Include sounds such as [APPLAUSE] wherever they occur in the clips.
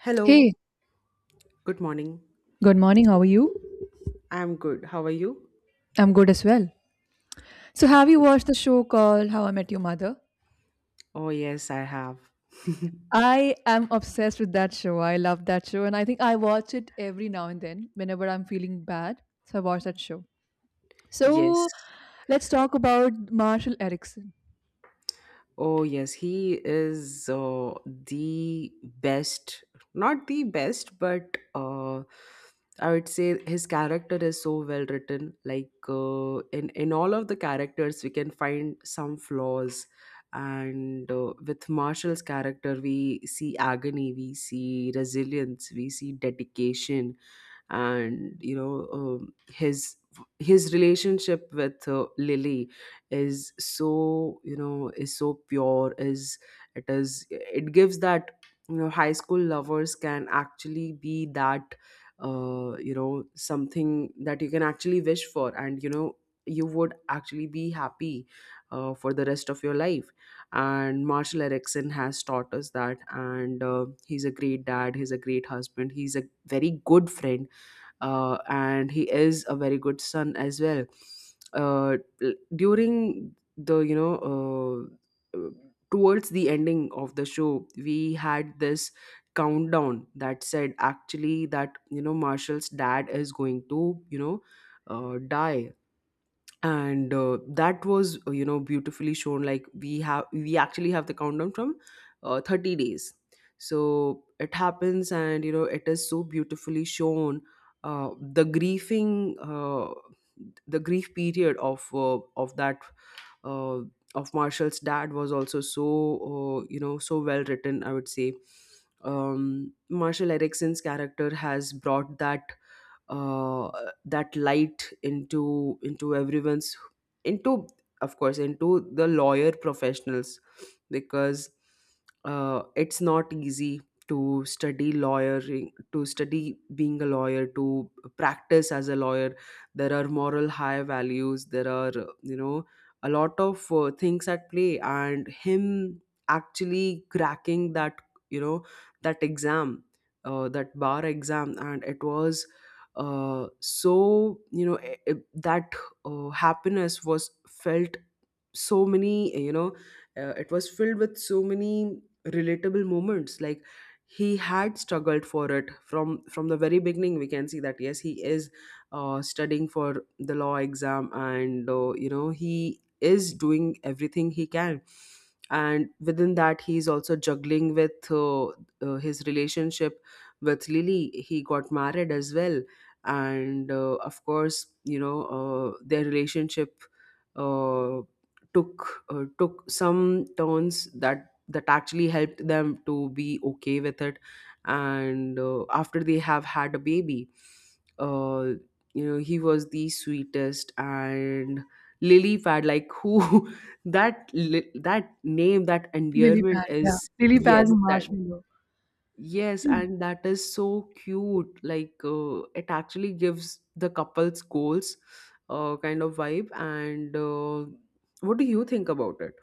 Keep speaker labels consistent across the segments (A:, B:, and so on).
A: Hello,
B: Hey,
A: good morning.
B: good morning. How are you?
A: I'm good. How are you?
B: I'm good as well. So, have you watched the show called How I Met Your Mother?
A: Oh, yes, I have. [LAUGHS]
B: I am obsessed with that show. I love that show. And I think I watch it every now and then whenever I'm feeling bad. So, I watch that show.
A: Yes.
B: So, let's talk about Marshall Erickson.
A: Oh, yes, he is the best, not the best, but I would say his character is so well written. Like in all of the characters, we can find some flaws, and with Marshall's character, we see agony, we see resilience, we see dedication, and his relationship with Lily is so is so pure, is it, is it gives that, high school lovers can actually be that, something that you can actually wish for, and you would actually be happy, for the rest of your life. And Marshall Erickson has taught us that, and he's a great dad, he's a great husband, he's a very good friend, and he is a very good son as well. Uh, During the, towards the ending of the show, we had this countdown that said actually that, Marshall's dad is going to, die. And that was, beautifully shown. Like, we actually have the countdown from 30 days, so it happens, and it is so beautifully shown. The grieving, the grief period of, of that, uh, of Marshall's dad was also so, so well written, I would say. Marshall Erickson's character has brought that, uh, that light into everyone's, into, of course, into the lawyer professionals, because it's not easy to study lawyering, to study being a lawyer, to practice as a lawyer. There are moral high values, there are, you know a lot of things at play, and him actually cracking that, you know that exam, that bar exam. And it was so, that happiness was felt. So many, it was filled with so many relatable moments. Like, he had struggled for it from the very beginning. We can see that yes, he is studying for the law exam, and he is doing everything he can. And within that, he's also juggling with his relationship with Lily. He got married as well, and of course, their relationship uh took, took some turns that actually helped them to be okay with it. And after they have had a baby, uh, he was the sweetest. And Lily Pad, like, who [LAUGHS] that that name, that
B: Lily
A: endearment
B: pad, yeah.
A: is,
B: Lily pad
A: yes,
B: and
A: that.
B: marshmallow.
A: Yes, and that is so cute. Like, it actually gives the couple's goals, kind of vibe. And what do you think about it?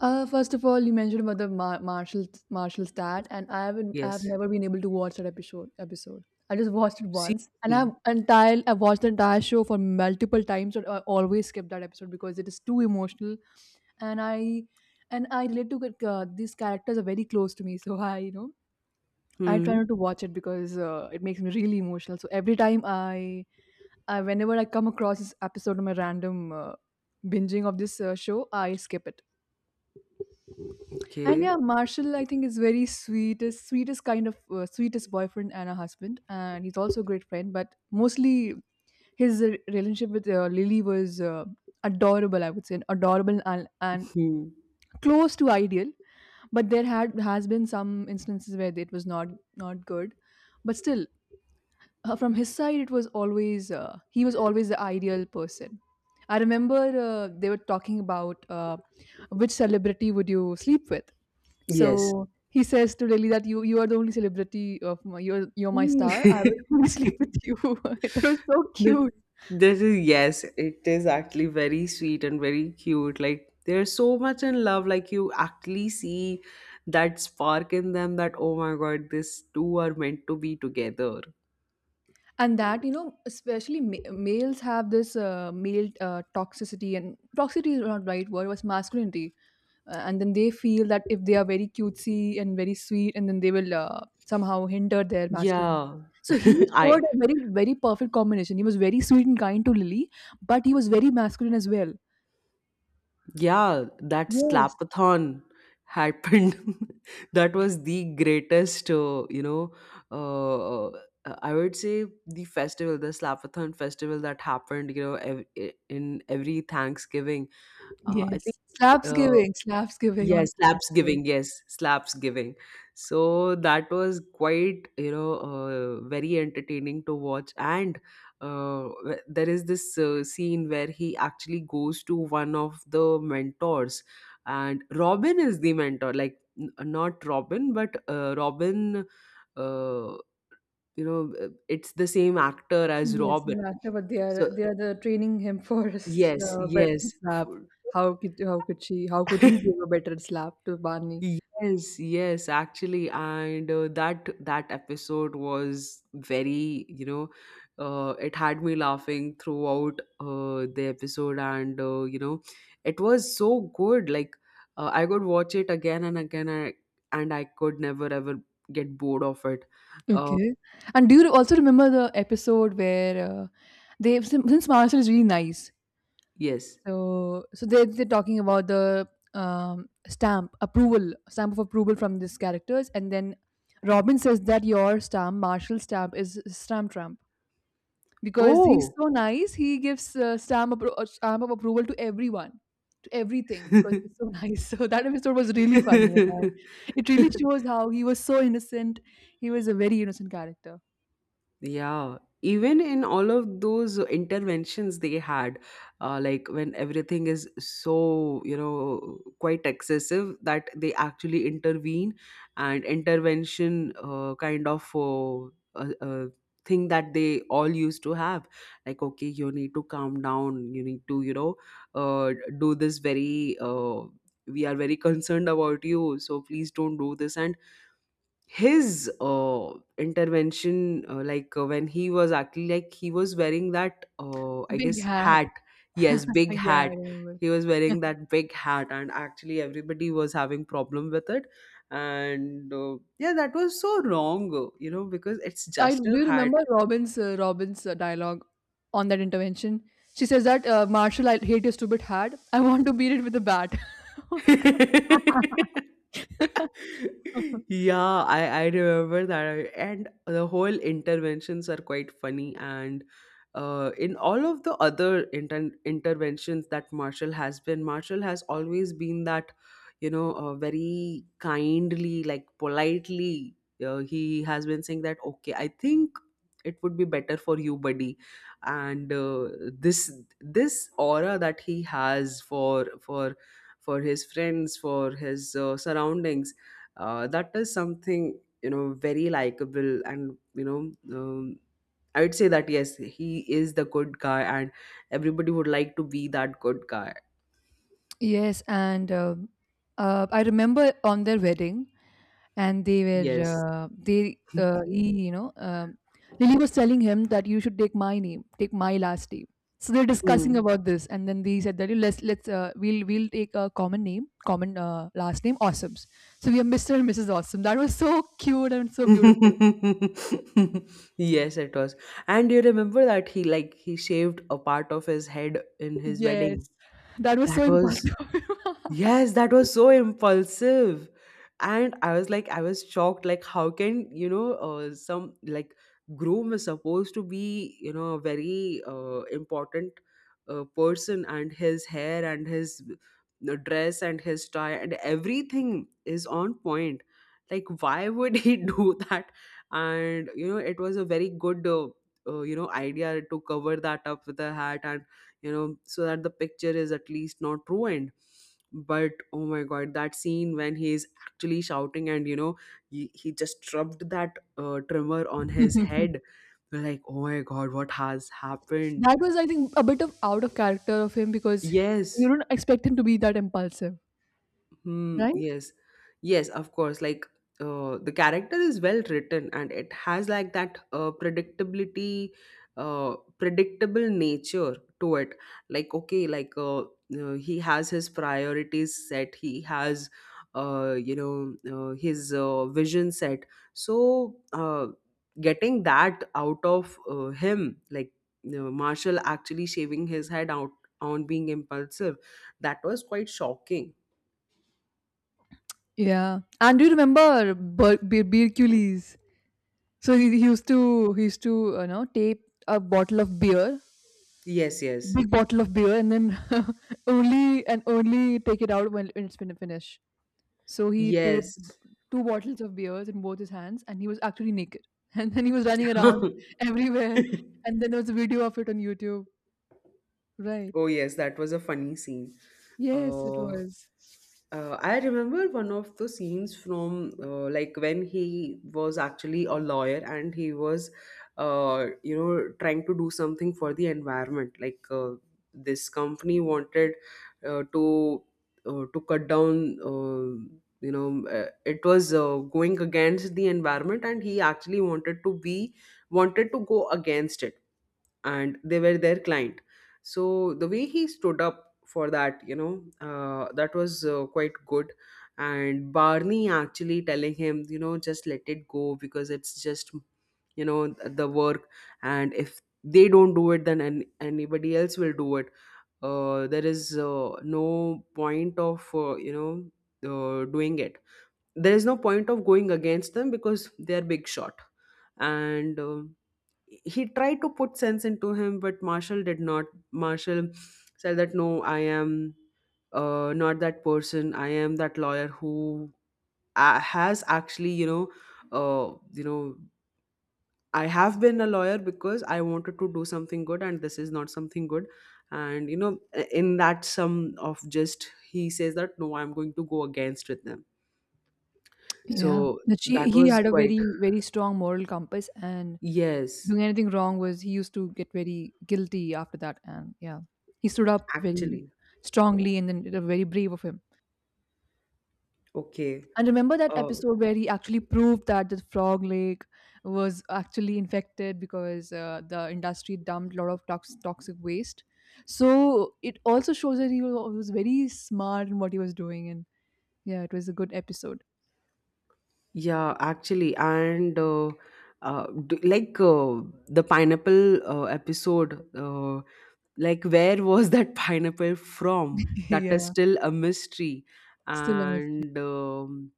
B: First of all, you mentioned about the Marshall Marshall stat, and I have
A: Yes.
B: never been able to watch that episode. Episode. I just watched it once, and
A: Seriously.
B: I've watched the entire show for multiple times, and I always skip that episode because it is too emotional, and I and I relate to it, these characters are very close to me, so I I try
A: Hmm.
B: not to watch it because it makes me really emotional. So every time I whenever I come across this episode of my random binging of this show, I skip it. And
A: Okay.
B: yeah, Marshall, I think, is very sweetest, sweetest kind of sweetest boyfriend and a husband, and he's also a great friend. But mostly, his relationship with Lily was adorable. I would say adorable and
A: Hmm.
B: close to ideal. But there had has been some instances where it was not good. But still, from his side it was always he was always the ideal person. I remember they were talking about which celebrity would you sleep with. So
A: Yes.
B: he says to Lily that you are the only celebrity of my, you're my
A: Hmm.
B: star. I will
A: [LAUGHS]
B: [LAUGHS] only sleep with you. [LAUGHS] It was so
A: This,
B: cute.
A: is, yes, it is actually very sweet and very cute. Like, they're so much in love. Like, you actually see that spark in them, that, oh my God, these two are meant to be together.
B: And that, you know, especially males have this male toxicity, and toxicity is not right word, it was masculinity. And then they feel that if they are very cutesy and very sweet, and then they will somehow hinder their masculinity.
A: Yeah,
B: So he
A: [LAUGHS]
B: showed
A: I,
B: a very perfect combination. He was very sweet and kind to Lily, but he was very masculine as well.
A: yeah, that
B: Yes,
A: slapathon happened. [LAUGHS] That was the greatest, uh, I would say, the festival, the slapathon festival that happened, in every Thanksgiving. I think.
B: yes.
A: Uh,
B: Slaps giving
A: Yes,
B: on
A: slaps
B: Thanksgiving.
A: giving. Yes, slaps giving. So that was quite, very entertaining to watch. And there is this scene where he actually goes to one of the mentors, and Robin is the mentor. Like, not Robin, but Robin. Uh, it's the same actor as
B: Yes, he
A: Robin.
B: an actor, but
A: So,
B: they are the training him for [LAUGHS] a
A: yes, yes.
B: better slap. How could he give
A: [LAUGHS]
B: a better slap to Barney?
A: Yes, yes, actually, and that, episode was very, it had me laughing throughout the episode. And it was so good. Like, I could watch it again and again, and I could never ever get bored of it. Uh,
B: Okay. And do you also remember the episode where they, since Maharashtra is really nice,
A: yes.
B: so so they they're talking about the stamp approval, stamp of approval from these characters, and then Robin says that your stamp, Marshall's stamp, is stamp Trump because he's
A: Oh.
B: so nice. He gives stamp of approval to everyone, to everything because he's so nice. [LAUGHS] So that episode was really funny, and
A: [LAUGHS]
B: it really shows how he was so innocent. He was a very innocent character.
A: Yeah, even in all of those interventions they had, like when everything is so, quite excessive that they actually intervene, and intervention, kind of, uh, uh, thing that they all used to have. Like, okay, you need to calm down, you need to, uh, do this very, we are very concerned about you, so please don't do this. And his intervention, like, when he was actually, like, he was wearing that, I
B: Big
A: guess,
B: hat.
A: hat. Yes,
B: [LAUGHS]
A: big
B: Yeah, I
A: hat,
B: remember.
A: he was wearing
B: [LAUGHS]
A: that big hat, and actually everybody was having problem with it. And yeah, that was so wrong, because it's
B: I
A: just a
B: Do you
A: hat.
B: remember Robin's Robin's dialogue on that intervention? She says that, Marshall, I hate your stupid hat. I want to beat it with a bat. [LAUGHS] Oh
A: [LAUGHS]
B: my god. [LAUGHS]
A: Yeah, I, remember that. And the whole interventions are quite funny. And in all of the other interventions that Marshall has been, Marshall has always been that, very kindly, like, politely, he has been saying that, okay, I think it would be better for you, buddy. And this, aura that he has for for his friends, for his surroundings. That is something, very likable, and um, I would say that, yes, he is the good guy, and everybody would like to be that good guy.
B: Yes, and I remember on their wedding, and they were
A: Yes.
B: they he, you know, Lily was telling him that you should take my name, take my last name. So they're
A: Mm.
B: discussing about this, and then they said that, "Hey, let's we'll take a common name, common last name, Awesomes. So we are Mr. and Mrs. Awesome." That was so cute and
A: [LAUGHS]
B: so beautiful.
A: yes, it was. And you remember that he, like, he shaved a part of his head in his
B: Yes,
A: wedding.
B: that was
A: That
B: so
A: was.
B: impactful.
A: Yes, that was so impulsive. And I was like, I was shocked. Like, how can, some, like, groom is supposed to be, a very important, person, and his hair, and his dress, and his tie, and everything is on point. Like, why would he [LAUGHS] do that? And, it was a very good, idea to cover that up with a hat, and so that the picture is at least not ruined. But, oh my God, that scene when he is actually shouting, and he, just rubbed that trimmer on his
B: [LAUGHS]
A: head. We're like, oh my God, what has happened.
B: That was, I think, a bit of out of character of him, because you
A: Yes.
B: don't expect him to be that impulsive,
A: Hmm,
B: right?
A: yes. Yes, of course. Like, the character is well written, and it has, like, that predictability, predictable nature to it. Like, okay, like, he has his priorities set, he has, uh, you know, his vision set. So, getting that out of him, like, Marshall actually shaving his head out, on being impulsive, that was quite shocking.
B: Yeah. And do you remember Hercules? So he, he used to, you know, tape a bottle of beer,
A: Yes, yes.
B: big bottle of beer, and then [LAUGHS] only and only take it out when it's been finished. So he taped
A: Yes.
B: two bottles of beers in both his hands, and he was actually naked. [LAUGHS] And then he was running around
A: [LAUGHS]
B: [LAUGHS] everywhere. And then there was a video of it on YouTube. Right.
A: Oh, yes, that was a funny scene.
B: Yes, it
A: Uh,
B: was.
A: I remember one of the scenes from, like, when he was actually a lawyer, and he was, trying to do something for the environment. Like, this company wanted, to, to cut down. It was, going against the environment, and he actually wanted to be, wanted to go against it, and they were their client. So the way he stood up for that, that was, quite good. And Barney actually telling him, just let it go, because it's just, the work, and if they don't do it, then anybody else will do it. There is, no point of, doing it. There is no point of going against them because they are big shot. And he tried to put sense into him, but Marshall did not. Marshall said that, no, I am, not that person. I am that lawyer who, has actually, uh, you know I have been a lawyer because I wanted to do something good, and this is not something good. And in that sum of, just, he says that, no, I'm going to go against with them.
B: Yeah,
A: So
B: that she
A: that
B: he
A: was
B: had a
A: quite,
B: very strong moral compass, and
A: yes,
B: doing anything wrong was, he used to get very guilty after that, and yeah, he stood up very
A: actually,
B: strongly, and then it was very brave of him.
A: okay,
B: And remember that
A: uh,
B: episode where he actually proved that the frog lake was actually infected because the industry dumped a lot of toxic waste. So it also shows that he was very smart in what he was doing, and yeah, it was a good episode.
A: yeah, actually, and d like, the pineapple, episode, like, where was that [LAUGHS] pineapple from?
B: [LAUGHS]
A: That is
B: Yeah,
A: still a mystery.
B: still a mystery.
A: And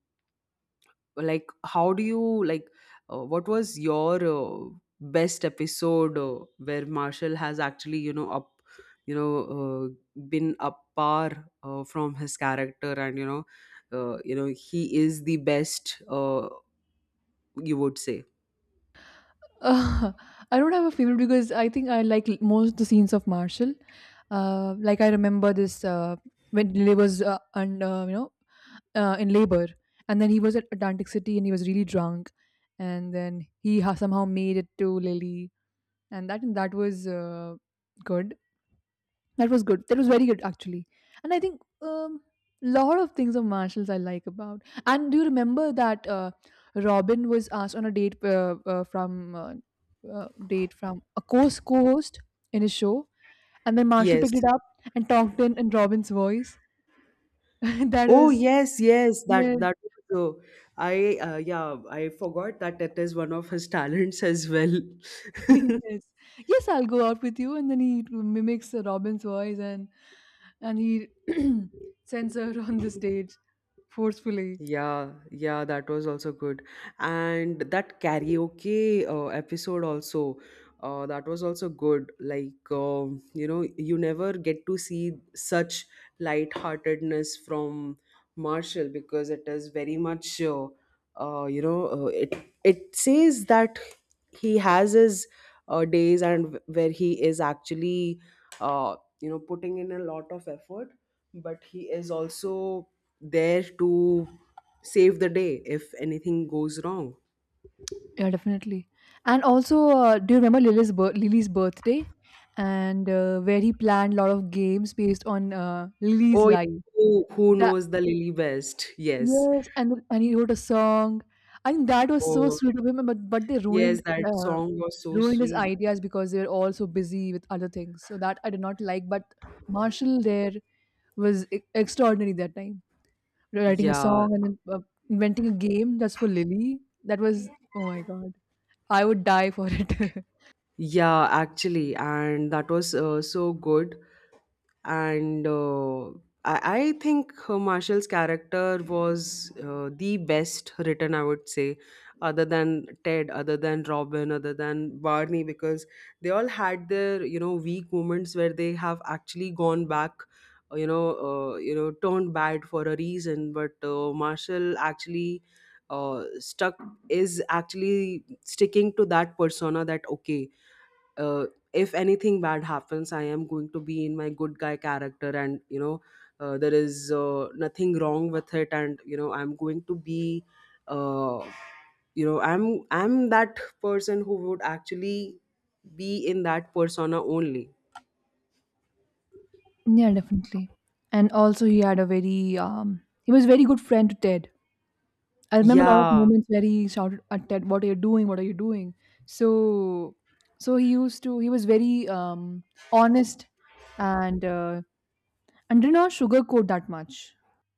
A: like, how do you like? What was your best episode, where Marshall has actually, up, been up par, from his character, and, he is the best. You would say.
B: Uh, [LAUGHS] I don't have a favorite because I think I like most the scenes of Marshall. Like I remember this, when Lily was, and you know, in labor, and then he was at Atlantic City and he was really drunk, and then he somehow made it to Lily, and that was, good. That was good. That was very good actually. And I think, lot of things of Marshalls I like about. And do you remember that Robin was asked on a date from date from a co-host in his show, and then Marshall
A: Yes.
B: picked it up and talked in Robin's voice. [LAUGHS] That
A: Oh,
B: was
A: yes, yes.
B: yes,
A: That, was, I, yeah, I forgot that it is one of his talents as well.
B: [LAUGHS]
A: [LAUGHS]
B: yes, yes. I'll go out with you, and then he mimics, Robin's voice and he [CLEARS THROAT] sends her on the stage forcefully.
A: Yeah, yeah, that was also good. And that karaoke episode also, that was also good. Like, you never get to see such lightheartedness from Marshall because it is very much, uh, you know, uh, it it says that he has his days and where he is actually, putting in a lot of effort, but he is also there to save the day if anything goes wrong.
B: Yeah, definitely. And also, do you remember Lily's birthday, and where he planned a lot of games based on, Lily's
A: Oh, yeah,
B: life?
A: who
B: That
A: knows the lily best? Yes.
B: Yes, and he wrote a song. I think that was so
A: Oh,
B: sweet of him, but they
A: yes,
B: ruined
A: that
B: uh,
A: song was so
B: ruined his
A: sweet.
B: ideas because they were all so busy with other things. So that I did not like. But Marshall there was extraordinary that time. Writing a
A: Yeah,
B: song, and then, inventing a game that's for Lily. That was, oh my god, I would die for it. [LAUGHS]
A: yeah, actually, and that was so good. And I think Marshall's character was the best written, I would say, other than Ted, other than Robin, other than Barney, because they all had their you know weak moments where they have actually gone back, turned bad for a reason. But Marshall actually stuck is actually sticking to that persona that okay, uh, if anything bad happens, I am going to be in my good guy character. And you know there is nothing wrong with it, and you know I'm going to be, uh, I'm that person who would actually be in that persona only.
B: Yeah, definitely. And also, he had a very, he was a very good friend to Ted. I remember a lot of
A: Yeah.
B: moments where he shouted at Ted, "What are you doing? What are you doing?" So, so he used to, he was very, honest, and uh, and did not sugarcoat that much,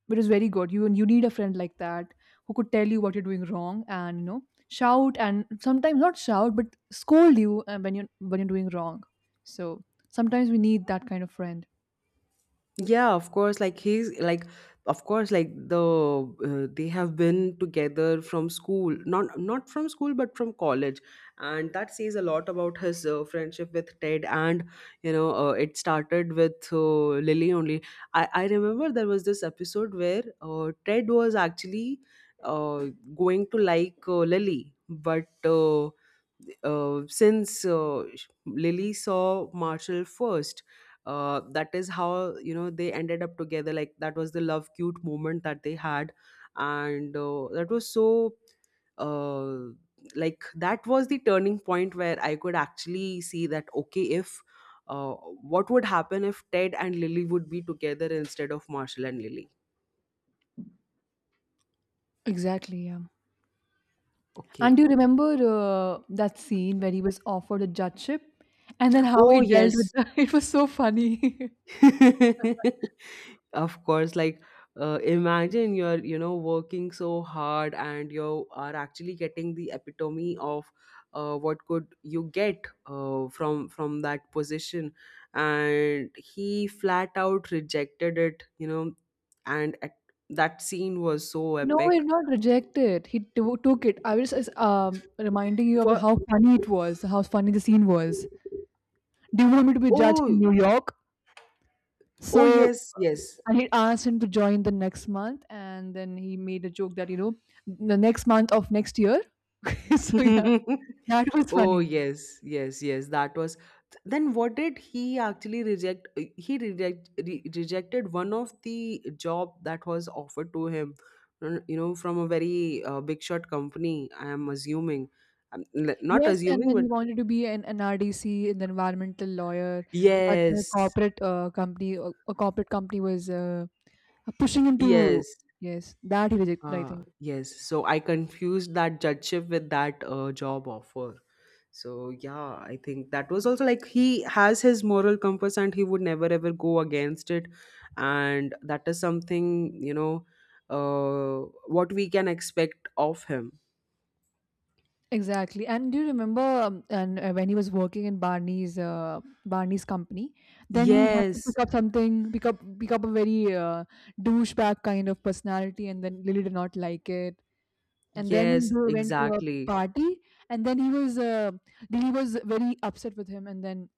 B: but it's very good. You need a friend like that, who could tell you what you're doing wrong and, you know, shout and sometimes not shout but scold you, when you when you're doing wrong. So sometimes we need that kind of friend.
A: Yeah, of course. Of course, like the they have been together from school, not from school, but from college, and that says a lot about his friendship with Ted. And you know, it started with Lily only. I remember there was this episode where Ted was actually uh, going to like Lily, but. Since Lily saw Marshall first, that is how you know they ended up together. Like, that was the love cute moment that they had, and that was so uh, like that was the turning point where I could actually see that, okay, if uh, what would happen if Ted and Lily would be together instead of Marshall and Lily.
B: Exactly, yeah. And
A: Okay.
B: do you remember, that scene where he was offered a judgeship, and then how
A: Oh,
B: he dealt with
A: yes.
B: the, [LAUGHS] it was so funny. [LAUGHS]
A: [LAUGHS] Of course, like, imagine you're you know working so hard and you are actually getting the epitome of what could you get from that position, and he flat out rejected it, you know. And at, that scene was so
B: No, he
A: epic.
B: did not reject it. He took it. I was just, reminding you of
A: For.
B: how funny it was, how funny the scene was. Do you want me to be a judge in
A: Oh.
B: New York?
A: Oh,
B: So
A: yes, yes.
B: I had asked him to join the next month, and then he made a joke that, you know, the next month of next year. [LAUGHS] So yeah, that
A: [LAUGHS]
B: was
A: Oh,
B: funny.
A: yes, yes, yes. That was. Then what did he actually reject? He rejected one of the job that was offered to him. You know, from a very big shot company. I am assuming, I'm not
B: Yes, and
A: assuming,
B: then
A: but
B: he wanted to be an RDC, an environmental lawyer, but the
A: yes,
B: corporate a corporate company was, pushing him to
A: yes,
B: yes, that he rejected. I think.
A: yes. So I confused that judgeship with that job offer. So yeah, I think that was also like he has his moral compass and he would never ever go against it. And that is something, you know, what we can expect of him.
B: Exactly. And do you remember, and when he was working in Barney's, Barney's company, then he had to
A: Yes,
B: pick up something, pick up a very, douchebag kind of personality, and then Lily did not like it. And then
A: yes,
B: they went to a
A: exactly.
B: party, and then he was Lily was very upset with him, and then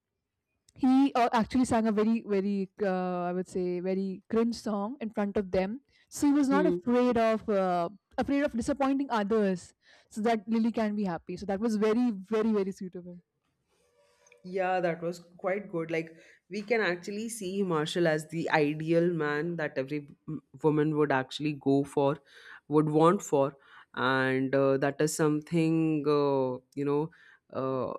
B: he, actually sang a very very I would say very cringe song in front of them. So he was not
A: Hmm.
B: afraid of, afraid of disappointing others, so that Lily can be happy. So that was very sweet of him.
A: Yeah, that was quite good. Like, we can actually see Marshall as the ideal man that every woman would actually go for, would want for. And that is something, uh,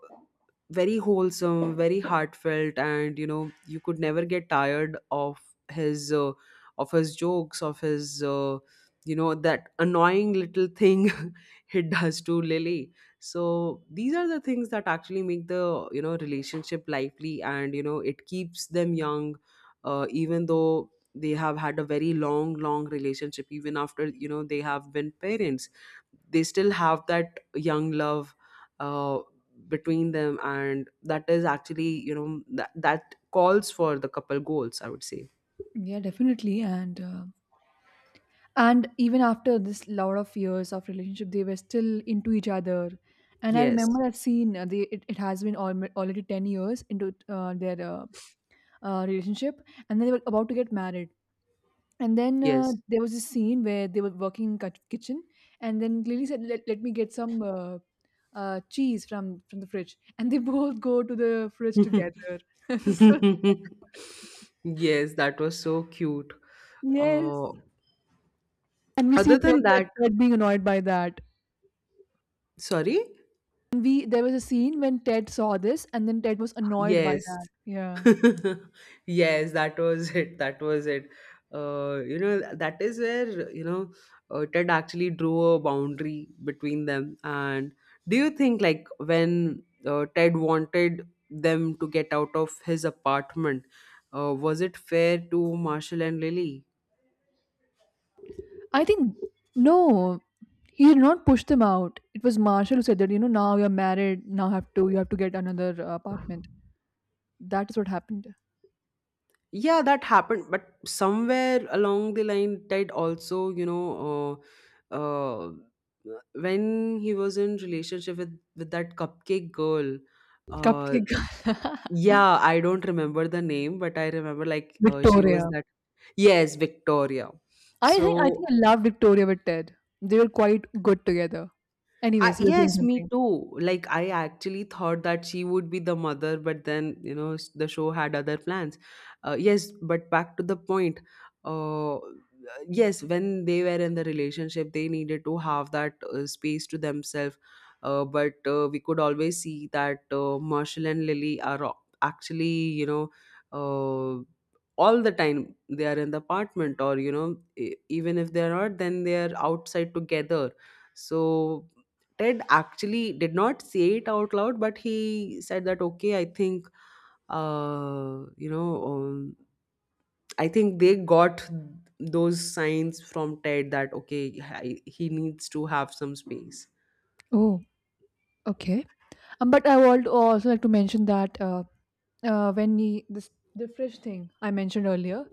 A: very wholesome, very heartfelt. And, you know, you could never get tired his, uh, of his jokes, of his, you know, that annoying little thing [LAUGHS] he does to Lily. So these are the things that actually make the you know relationship lively, and you know it keeps them young, even though they have had a very long relationship. Even after, you know, they have been parents, they still have that young love uh, between them, and that is actually, you know, that, that calls for the couple goals, I would say.
B: Yeah, definitely. And, and even after this lot of years of relationship, they were still into each other. And I
A: Yes.
B: remember I've seen, they, it has been alm already 10 years into, their relationship, and they were about to get married. And then,
A: Yes.
B: there was a scene where they were working in kitchen, and then Lily said, let me get some, cheese from the fridge," and they [LAUGHS] both go to the fridge
A: [LAUGHS]
B: together. [LAUGHS] So, oh my god,
A: Yes, that was so cute.
B: yes.
A: uh,
B: And we see
A: Other than that,
B: Ted being annoyed by that.
A: sorry?
B: And we there was a scene when Ted saw this, and then Ted was annoyed by
A: Yes.
B: that. Yeah,
A: [LAUGHS] Yes, that was [LAUGHS] it. That was it. You know, that is where, you know, Ted actually drew a boundary between them. And do you think, like, when Ted wanted them to get out of his apartment, was it fair to Marshall and Lily?
B: I think no, he did not push them out. It was Marshall who said that you know now you're married, now have to you have to get another apartment. That is what happened.
A: Yeah, that happened, but somewhere along the line that also, you know, uh, uh, when he was in relationship with that cupcake girl, uh
B: Cupcake Gala. [LAUGHS]
A: yeah, I don't remember the name, but I remember like she was
B: Victoria.
A: that. Yes, Victoria.
B: I think I
A: So,
B: think I love Victoria with Ted. They were quite good together.
A: I,
B: Anyways, you were saying
A: yes, me
B: something.
A: too. Like, I actually thought that she would be the mother, but then, you know, the show had other plans. Yes, but back to the point. Uh, yes, when they were in the relationship, they needed to have that space to themselves. But we could always see that Marshall and Lily are actually, you know, uh, all the time they are in the apartment, or, you know, even if they're not, then they are outside together. So Ted actually did not say it out loud, but he said that, okay, I think, uh, you know, um, I think they got those signs from Ted that, okay, he needs to have some space.
B: Oh, okay. But I would also like to mention that when he this the fish thing I mentioned earlier,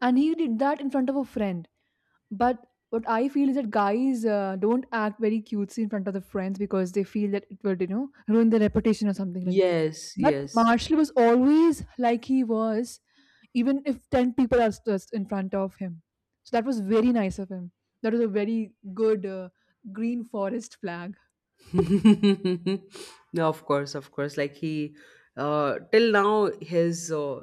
B: and he did that in front of a friend. But what I feel is that guys don't act very cutesy in front of the friends because they feel that it would, you know, ruin their reputation or something like that.
A: Yes,
B: But
A: yes.
B: Marshall was always like he was, even if 10 people are just in front of him. So that was very nice of him. That was a very good green forest flag.
A: [LAUGHS] No, of course, of course. Like he, till now,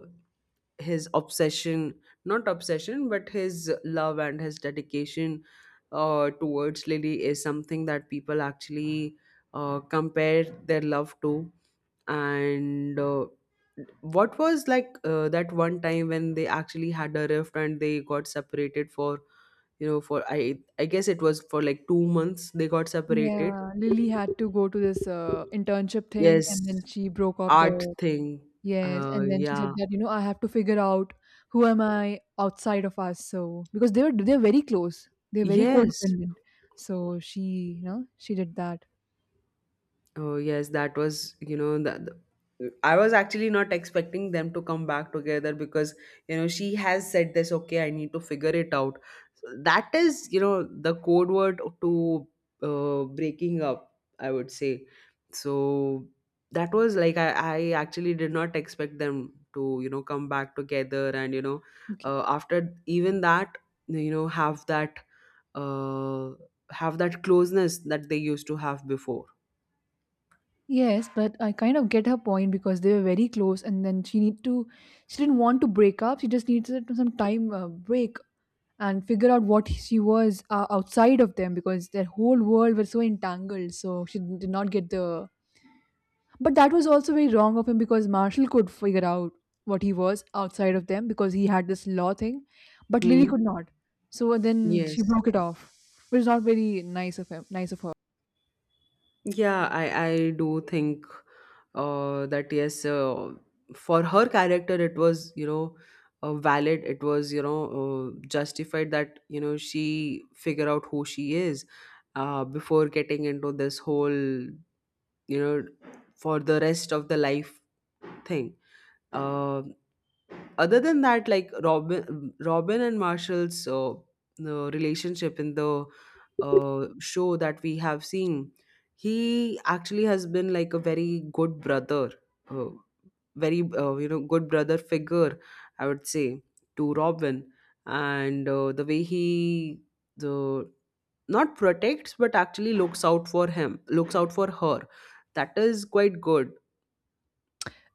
A: his obsession, not obsession, but his love and his dedication towards Lily is something that people actually compare their love to. And what was like that one time when they actually had a rift and they got separated for, you know, for I guess it was for like 2 months they got separated.
B: Yeah, Lily had to go to this internship thing,
A: Yes.
B: and then she broke off
A: Art
B: the—
A: thing.
B: Yes, and then she
A: Yeah.
B: said that, you know, I have to figure out who am I outside of us. So because they're very close. They're very
A: Yes.
B: codependent. So she, you know, she did that.
A: Oh yes, that was, you know, that. I was actually not expecting them to come back together because, you know, she has said this. Okay, I need to figure it out. So that is, you know, the code word to breaking up. I would say so. That was like, I actually did not expect them to, you know, come back together, and you know,
B: Okay.
A: after even that, you know, have that uh, have that closeness that they used to have before.
B: Yes, but I kind of get her point because they were very close, and then she didn't want to break up. She just needed some time, break and figure out what she was outside of them because their whole world was so entangled. So she did not get the— But that was also very wrong of him because Marshall could figure out what he was outside of them because he had this law thing, but Lily
A: Hmm?
B: could not. So then
A: Yes.
B: she broke it off, which is not very nice of her.
A: Yeah, I do think that yes, for her character, it was, you know, valid. It was, you know, justified that, you know, she figure out who she is before getting into this whole, you know, for the rest of the life thing. Uh. Other than that, like, Robin and Marshall's, the relationship in the show that we have seen, he actually has been like a very good brother, uh, very you know, good brother figure, I would say, to Robin. And the way he, the, not protects but actually looks out for her, that is quite good.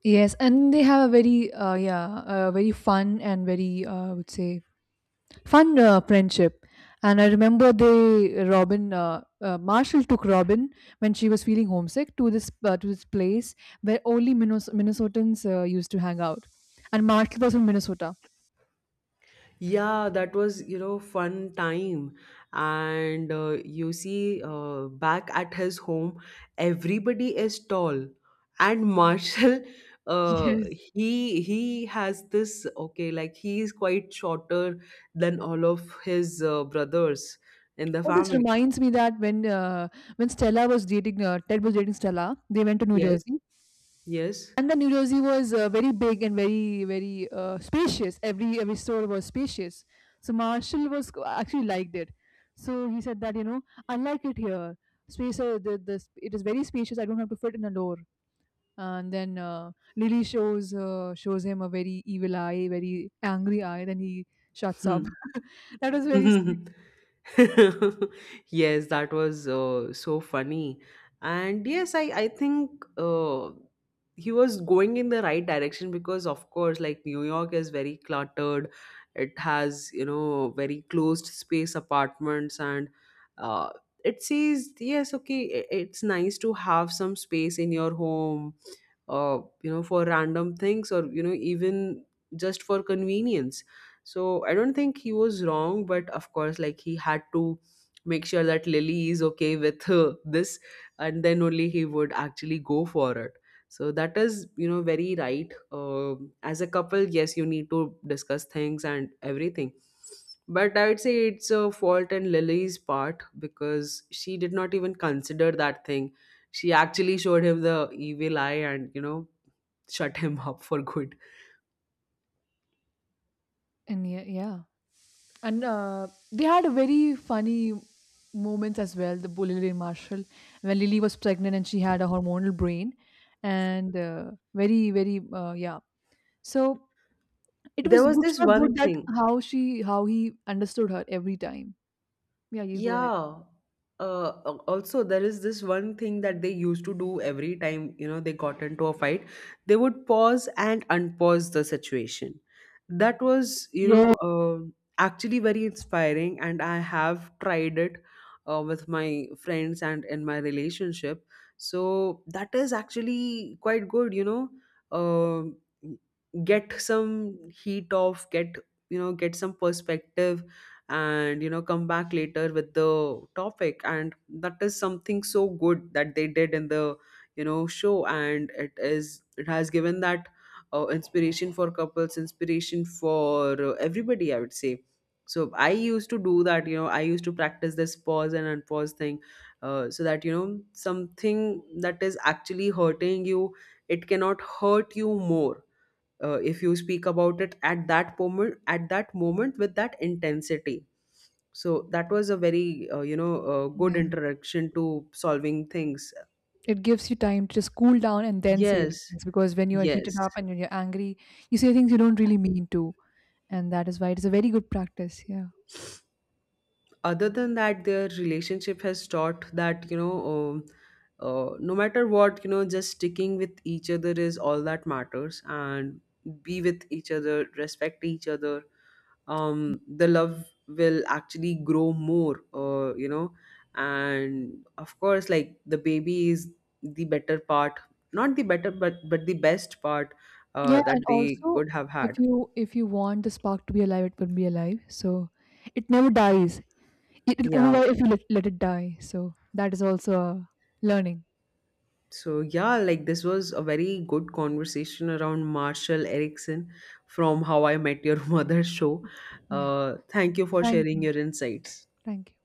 B: Yes, and they have a very yeah, a very fun and very I would say fun friendship. And I remember they Robin— Marshall took Robin when she was feeling homesick to this place where only Minnesotans used to hang out. And Marshall was from Minnesota.
A: Yeah, that was, you know, fun time. And you see, back at his home, everybody is tall. And Marshall, [LAUGHS] uh,
B: Yes.
A: he has this, okay, like, he is quite shorter than all of his brothers in the
B: Oh, this
A: family.
B: reminds me that when Stella was dating Ted was dating Stella, they went to New
A: Yes,
B: Jersey,
A: yes.
B: and the New Jersey was very big and very spacious. Every store was spacious. So Marshall was actually liked it. So he said that, you know, I like it here. Space, the, it is very spacious. I don't have to fit in a door. And then Lily shows him a very evil eye, very angry eye. Then he shuts up.
A: Hmm.
B: [LAUGHS] That
A: [LAUGHS]
B: was very sweet.
A: [LAUGHS] Yes, that was so funny. And yes, I think he was going in the right direction because, of course, like, New York is very cluttered. It has, you know, very closed space apartments. And uh, it says, yes, okay, it's nice to have some space in your home, you know, for random things, or you know, even just for convenience. So I don't think he was wrong, but of course, like, he had to make sure that Lily is okay with this, and then only he would actually go for it. So that is, you know, very right, as a couple. Yes, you need to discuss things and everything, but I would say it's a fault in Lily's part because she did not even consider that thing. She actually showed him the evil eye and, you know, shut him [LAUGHS] up for good.
B: And yeah, yeah. And they had very funny moments as well. The bull Lily and Marshall, when Lily was pregnant and she had a hormonal brain, and very very yeah. So it
A: There
B: was
A: was
B: good
A: this
B: for
A: one
B: good that
A: thing.
B: how she how he understood her every time. Yeah, you go ahead.
A: Yeah. Also, there is this one thing that they used to do every time, you know, they got into a fight. They would pause and unpause the situation. That was, you
B: Yeah.
A: know, actually very inspiring, and I have tried it with my friends and in my relationship. So that is actually quite good, you know. Uh, get some heat off, get, you know, get some perspective, and you know, come back later with the topic. And that is something so good that they did in the, you know, show, and it is, it has given that inspiration for couples, inspiration for everybody, I would say. So I used to do that, you know, I used to practice this pause and unpause thing, so that, you know, something that is actually hurting you, it cannot hurt you more if you speak about it at that moment with that intensity. So that was a very good
B: Yeah,
A: introduction to solving things.
B: it gives you time to just cool down and then say the
A: Yes,
B: things because when you are heated
A: yes.
B: up and when you're angry, you say things you don't really mean to, and that is why it is a very good practice. Yeah.
A: Other than that, their relationship has taught that, you know, no matter what, you know, just sticking with each other is all that matters, and be with each other, respect each other. Um, the love will actually grow more, you know. And of course, like, the baby is the better part, not the better, but the best part
B: Yeah,
A: that
B: and
A: they
B: also,
A: could have
B: if
A: had.
B: you if you want the spark to be alive, it will be alive. So it never dies. It will only
A: Yeah.
B: die if you let it die. So that is also a learning.
A: So yeah, like, this was a very good conversation around Marshall Erickson from How I Met Your [LAUGHS] Mother show.
B: Yeah.
A: Thank you for
B: Thank
A: sharing
B: you.
A: your insights.
B: Thank you.